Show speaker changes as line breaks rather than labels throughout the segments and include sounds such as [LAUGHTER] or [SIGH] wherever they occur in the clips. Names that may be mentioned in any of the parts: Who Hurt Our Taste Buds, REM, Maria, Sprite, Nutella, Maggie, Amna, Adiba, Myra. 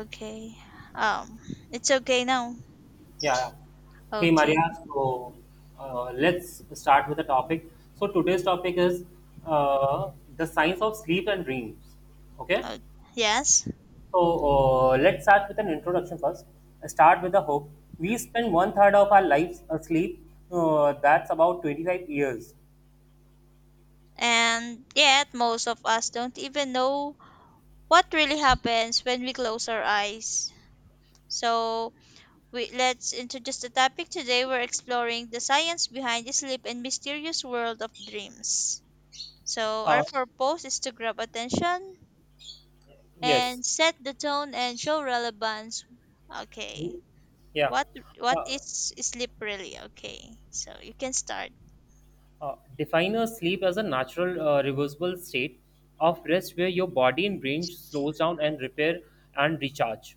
Okay. Um, it's okay now.
Yeah, yeah. Hey
Okay.
Maria, so let's start with the topic. So today's topic is uh, the science of sleep and dreams. Okay,
Uh, yes.
so let's start with an introduction first. Start with the hope. We spend one third of our lives asleep. That's about 25 years.
And yet, most of us don't even know what really happens when we close our eyes. So, let's introduce the topic today. We're exploring the science behind the sleep and mysterious world of dreams. So, our
Uh,
purpose is to grab attention
yes.
and set the tone and show relevance. Okay.
Yeah.
What what
Uh,
is sleep really? Okay. So, you can start.
Define a sleep as a natural, reversible state of rest where your body and brain slows down and repair and recharge.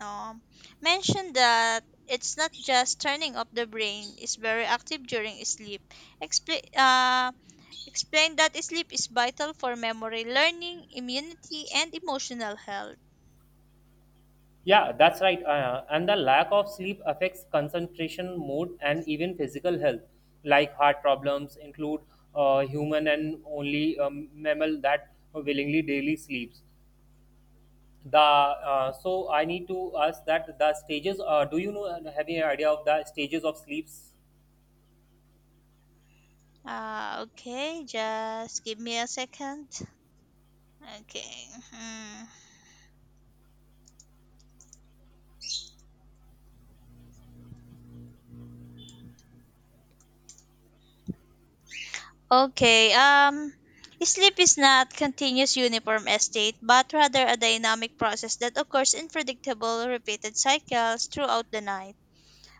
um, mentioned that it's not just turning off the brain, it's very active during sleep. Expla uh, explain that sleep is vital for memory, learning, immunity, and emotional health.
Yeah, that's right. And the lack of sleep affects concentration, mood, and even physical health, like heart problems, include human and only mammal that willingly daily sleeps. The so I need to ask that the stages. Do you know? Have any idea of the stages of sleeps?
Okay, just give me a second. Okay. Hmm. Okay. Sleep is not continuous uniform state, but rather a dynamic process that occurs in predictable, repeated cycles throughout the night.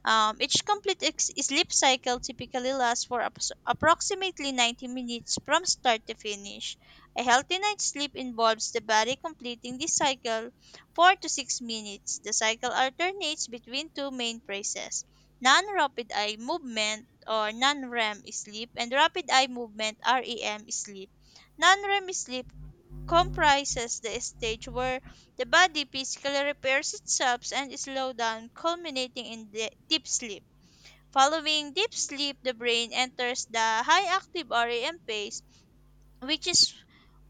Each complete sleep cycle typically lasts for approximately 90 minutes from start to finish. A healthy night's sleep involves the body completing this cycle 4 to 6 minutes. The cycle alternates between two main phases, non rapid eye movement or non REM sleep, and rapid eye movement REM sleep. Non REM sleep comprises the stage where the body physically repairs itself and slows down, culminating in the deep sleep. Following deep sleep, the brain enters the high active REM phase, which is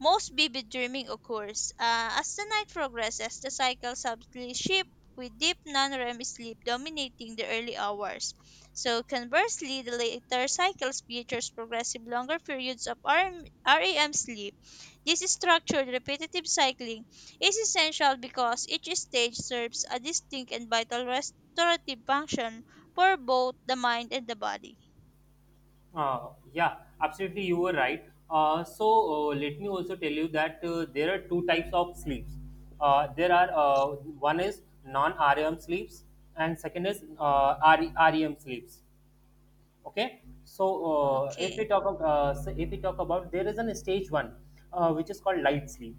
most vivid dreaming occurs. As the night progresses, the cycle subtly shifts, with deep non-REM sleep dominating the early hours. So conversely, the later cycles features progressive longer periods of RM REM sleep. This structured repetitive cycling is essential because each stage serves a distinct and vital restorative function for both the mind and the body.
Yeah, absolutely, you were right. Let me also tell you that there are two types of sleeps. There are One is non-REM sleeps and second is RE REM sleeps. Okay, so if we
Okay.
talk about, if we talk about there is an stage one which is called light sleep.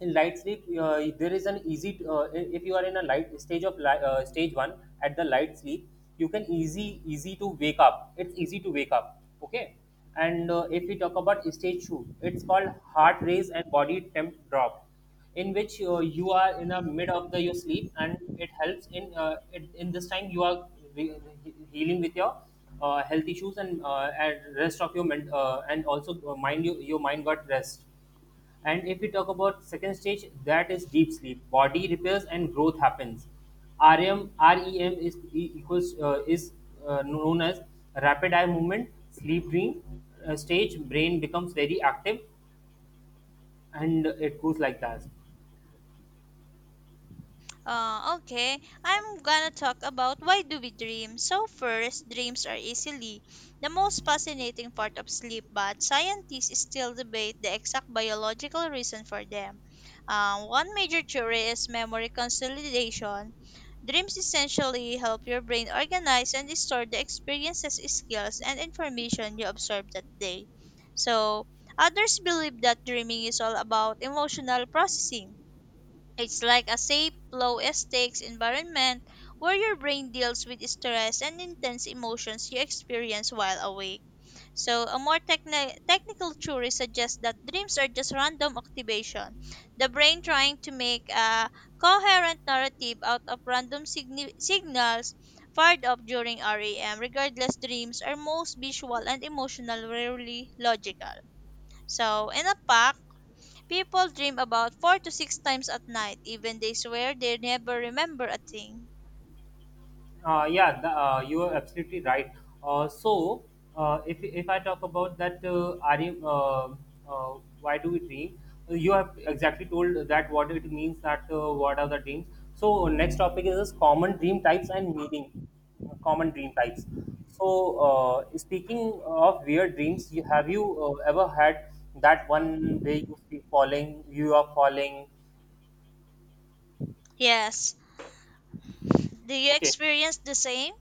In light sleep there is an easy if you are in a light stage of li- stage 1 at the light sleep, you can easy to wake up. It's easy to wake up, okay? And if we talk about stage 2, it's called heart race and body temp drop, in which you are in the mid of the your sleep and it helps in in this time you are healing with your health issues, and rest of your men- and also mind, you, your mind got rest. And if we talk about second stage, that is deep sleep. Body repairs and growth happens. REM is e- equals is known as rapid eye movement, sleep dream stage. Brain becomes very active, and it goes like that.
Okay, I'm gonna talk about why do we dream. So first, dreams are easily the most fascinating part of sleep, but scientists still debate the exact biological reason for them. One major theory is memory consolidation. Dreams essentially help your brain organize and store the experiences, skills, and information you observed that day. So, others believe that dreaming is all about emotional processing. It's like a safe, low stakes environment where your brain deals with stress and intense emotions you experience while awake. So, a more technical theory suggests that dreams are just random activation, the brain trying to make a coherent narrative out of random signals fired up during REM. Regardless, dreams are most visual and emotional, rarely logical. So, in a pack, people dream about four to six times at night, even they swear they never remember a thing.
You are absolutely right. Uh, so, if I talk about that, why do we dream? You have exactly told that what it means, that what are the dreams. So, next topic is common dream types and meaning. Common dream types. So, speaking of weird dreams, have you ever had that one way you feel falling, you are falling?
Yes. Do you
Okay,
experience the same?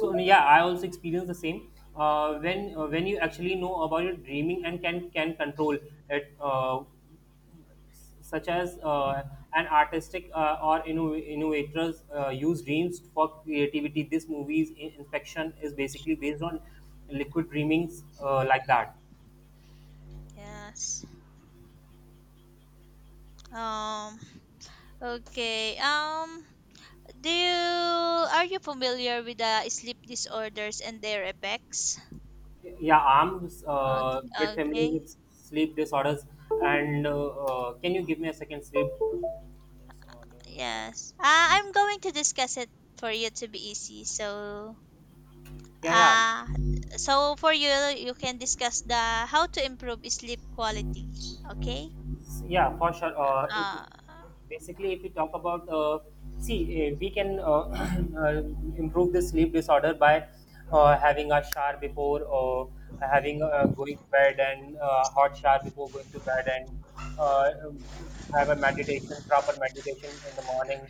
so yeah, I also experience the same. When you actually know about your dreaming and can control it, such as an artistic or innovators use dreams for creativity. This movie's inspection is basically based on liquid dreamings, like that.
Yes. Um okay. Do you are you familiar with the sleep disorders and their effects?
Yeah, I'm
Okay.
bit familiar
Okay.
with sleep disorders. And can you give me a second sleep disorder? Or...
Yes. I'm going to discuss it for you to be easy. So,
Yeah, yeah.
uh for you can discuss the how to improve sleep quality. Okay?
Yeah, for sure. If,
啊，
Basically, if you talk about, we can [CLEARS THROAT] uh, improve the sleep disorder by having a shower before, or having going to bed and hot shower before going to bed, and have a meditation, proper meditation in the morning,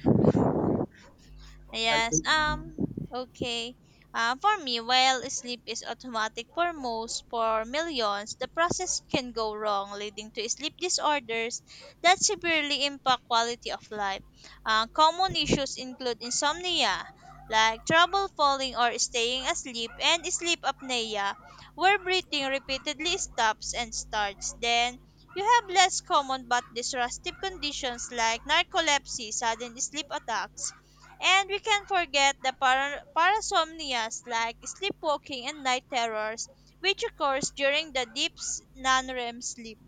and
Yes. Okay. For me, while sleep is automatic for most, for millions, the process can go wrong, leading to sleep disorders that severely impact quality of life. Common issues include insomnia, like trouble falling or staying asleep, and sleep apnea, where breathing repeatedly stops and starts. Then you have less common but disruptive conditions like narcolepsy, sudden sleep attacks, and we can forget the parasomnias like sleepwalking and night terrors, which occurs during the deep non-REM sleep.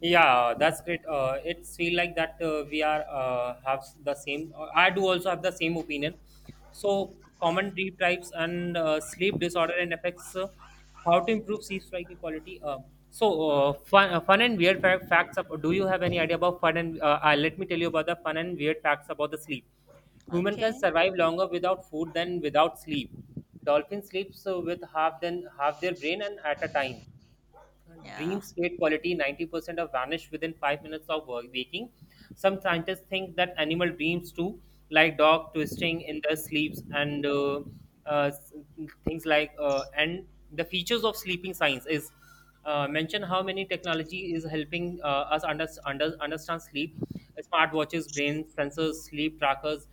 yeah, that's great. It's feel like that we are have the same. I do also have the same opinion. So, common sleep types, and sleep disorder and affects, how to improve sleep striking quality.
Uh,
Fun and weird facts. Up, do you have any idea about fun and let me tell you about the fun and weird facts about the sleep. Human can
Okay.
survive longer without food than without sleep. Dolphin sleeps with half then half their brain and at a time.
Yeah.
Dreams great quality 90% of vanish within 5 minutes of waking. Some scientists think that animal dreams too, like dog twisting in their sleeps, and s- things like and the features of sleeping science is mention how many technology is helping us understand sleep: smartwatches, brain sensors, sleep trackers.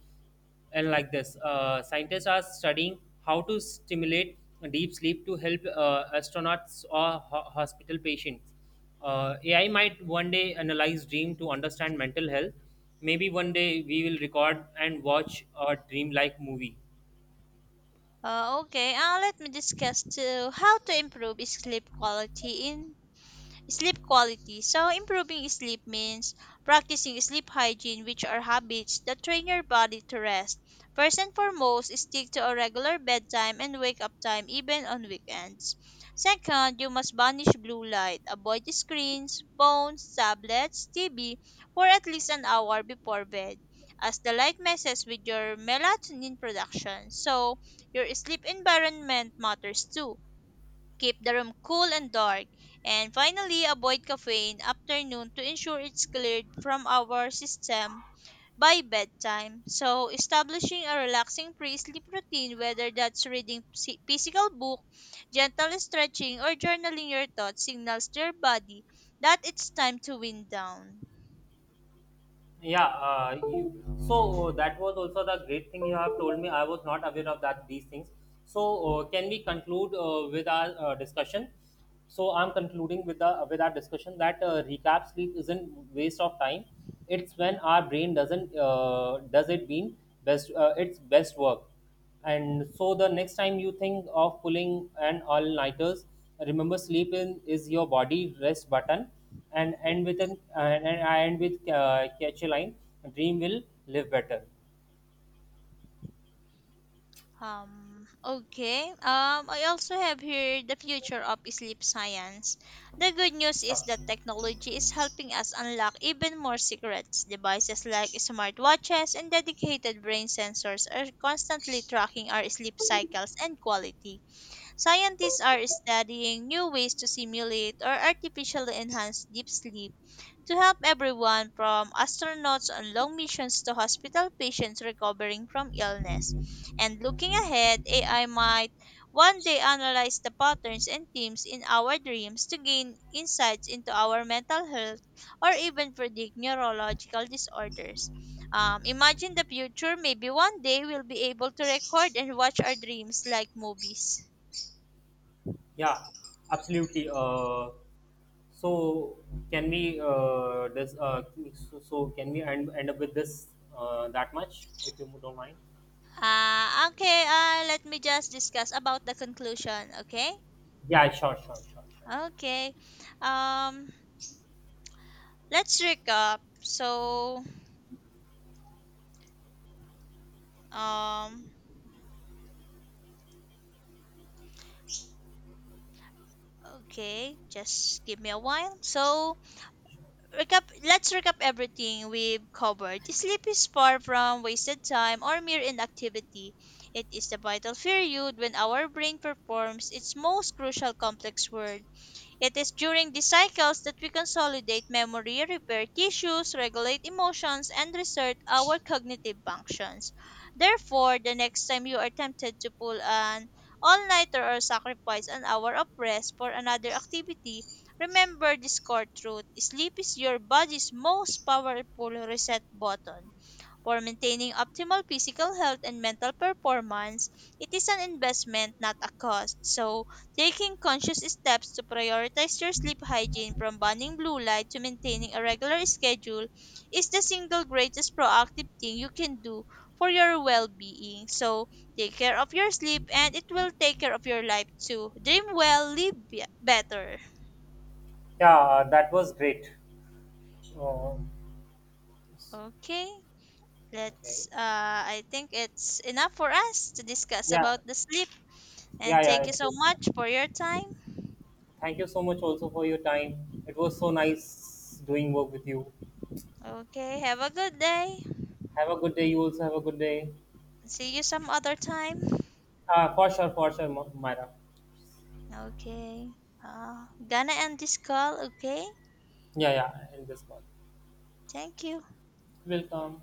And like this, scientists are studying how to stimulate deep sleep to help astronauts or hospital patients. AI might one day analyze dream to understand mental health. Maybe one day we will record and watch a dream like movie.
Okay. Let me discuss too how to improve sleep quality in sleep quality. So, improving sleep means practicing sleep hygiene, which are habits that train your body to rest. First and foremost, stick to a regular bedtime and wake up time, even on weekends. Second, you must banish blue light. Avoid screens, phones, tablets, TV for at least an hour before bed, as the light messes with your melatonin production. So, your sleep environment matters too. Keep the room cool and dark. And finally, avoid caffeine after noon to ensure it's cleared from our system by bedtime. So, establishing a relaxing pre sleep routine, whether that's reading physical book, gentle stretching, or journaling your thoughts, signals to your body that it's time to wind down.
Yeah, you, so That was also the great thing you have told me. I was not aware of that these things. So can we conclude with our discussion? So I'm concluding with the with our discussion that recap, sleep isn't waste of time. It's when our brain doesn't does it mean best its best work. And so the next time you think of pulling an all-nighters, remember, sleep in is your body rest button. And end with an and I end with catch a line: "Dream will live better."
Okay. I also have here the future of sleep science. The good news is
Sure.
that technology is helping us unlock even more secrets. Devices like smartwatches and dedicated brain sensors are constantly tracking our sleep cycles and quality. Scientists are studying new ways to simulate or artificially enhance deep sleep to help everyone from astronauts on long missions to hospital patients recovering from illness. And looking ahead, AI might one day analyze the patterns and themes in our dreams to gain insights into our mental health or even predict neurological disorders. Imagine the future, maybe one day we'll be able to record and watch our dreams like movies.
Yeah, absolutely. So can we this so, so can we end up with this that much, if you don't mind?
Okay, let me just discuss about the conclusion, okay?
Yeah, sure, sure, sure, sure.
Okay. Um let's recap. So um okay, just give me a while. So recap let's recap everything we've covered. Sleep is far from wasted time or mere inactivity. It is the vital period when our brain performs its most crucial complex work. It is during these cycles that we consolidate memory, repair tissues, regulate emotions, and reset our cognitive functions. Therefore, the next time you are tempted to pull an all nighter or sacrifice an hour of rest for another activity, remember this core truth: sleep is your body's most powerful reset button. For maintaining optimal physical health and mental performance, it is an investment, not a cost. So, taking conscious steps to prioritize your sleep hygiene, from banning blue light to maintaining a regular schedule, is the single greatest proactive thing you can do for your well being. So, take care of your sleep and it will take care of your life too. Dream well, live better.
Yeah, that was great. Uh,
Okay.
okay.
Let's I think it's enough for us to discuss
Yeah.
about the sleep.
Yeah,
And
yeah,
thank you
it
so
would.
much for your time.
Thank you so much also for your time. It was so nice doing work with you.
Okay, have a good day.
Have a good day. You also have a good day.
See you some other time.
For sure, Myra.
Okay. Gonna end this call, okay?
Yeah, yeah, in this call.
Thank you.
Welcome.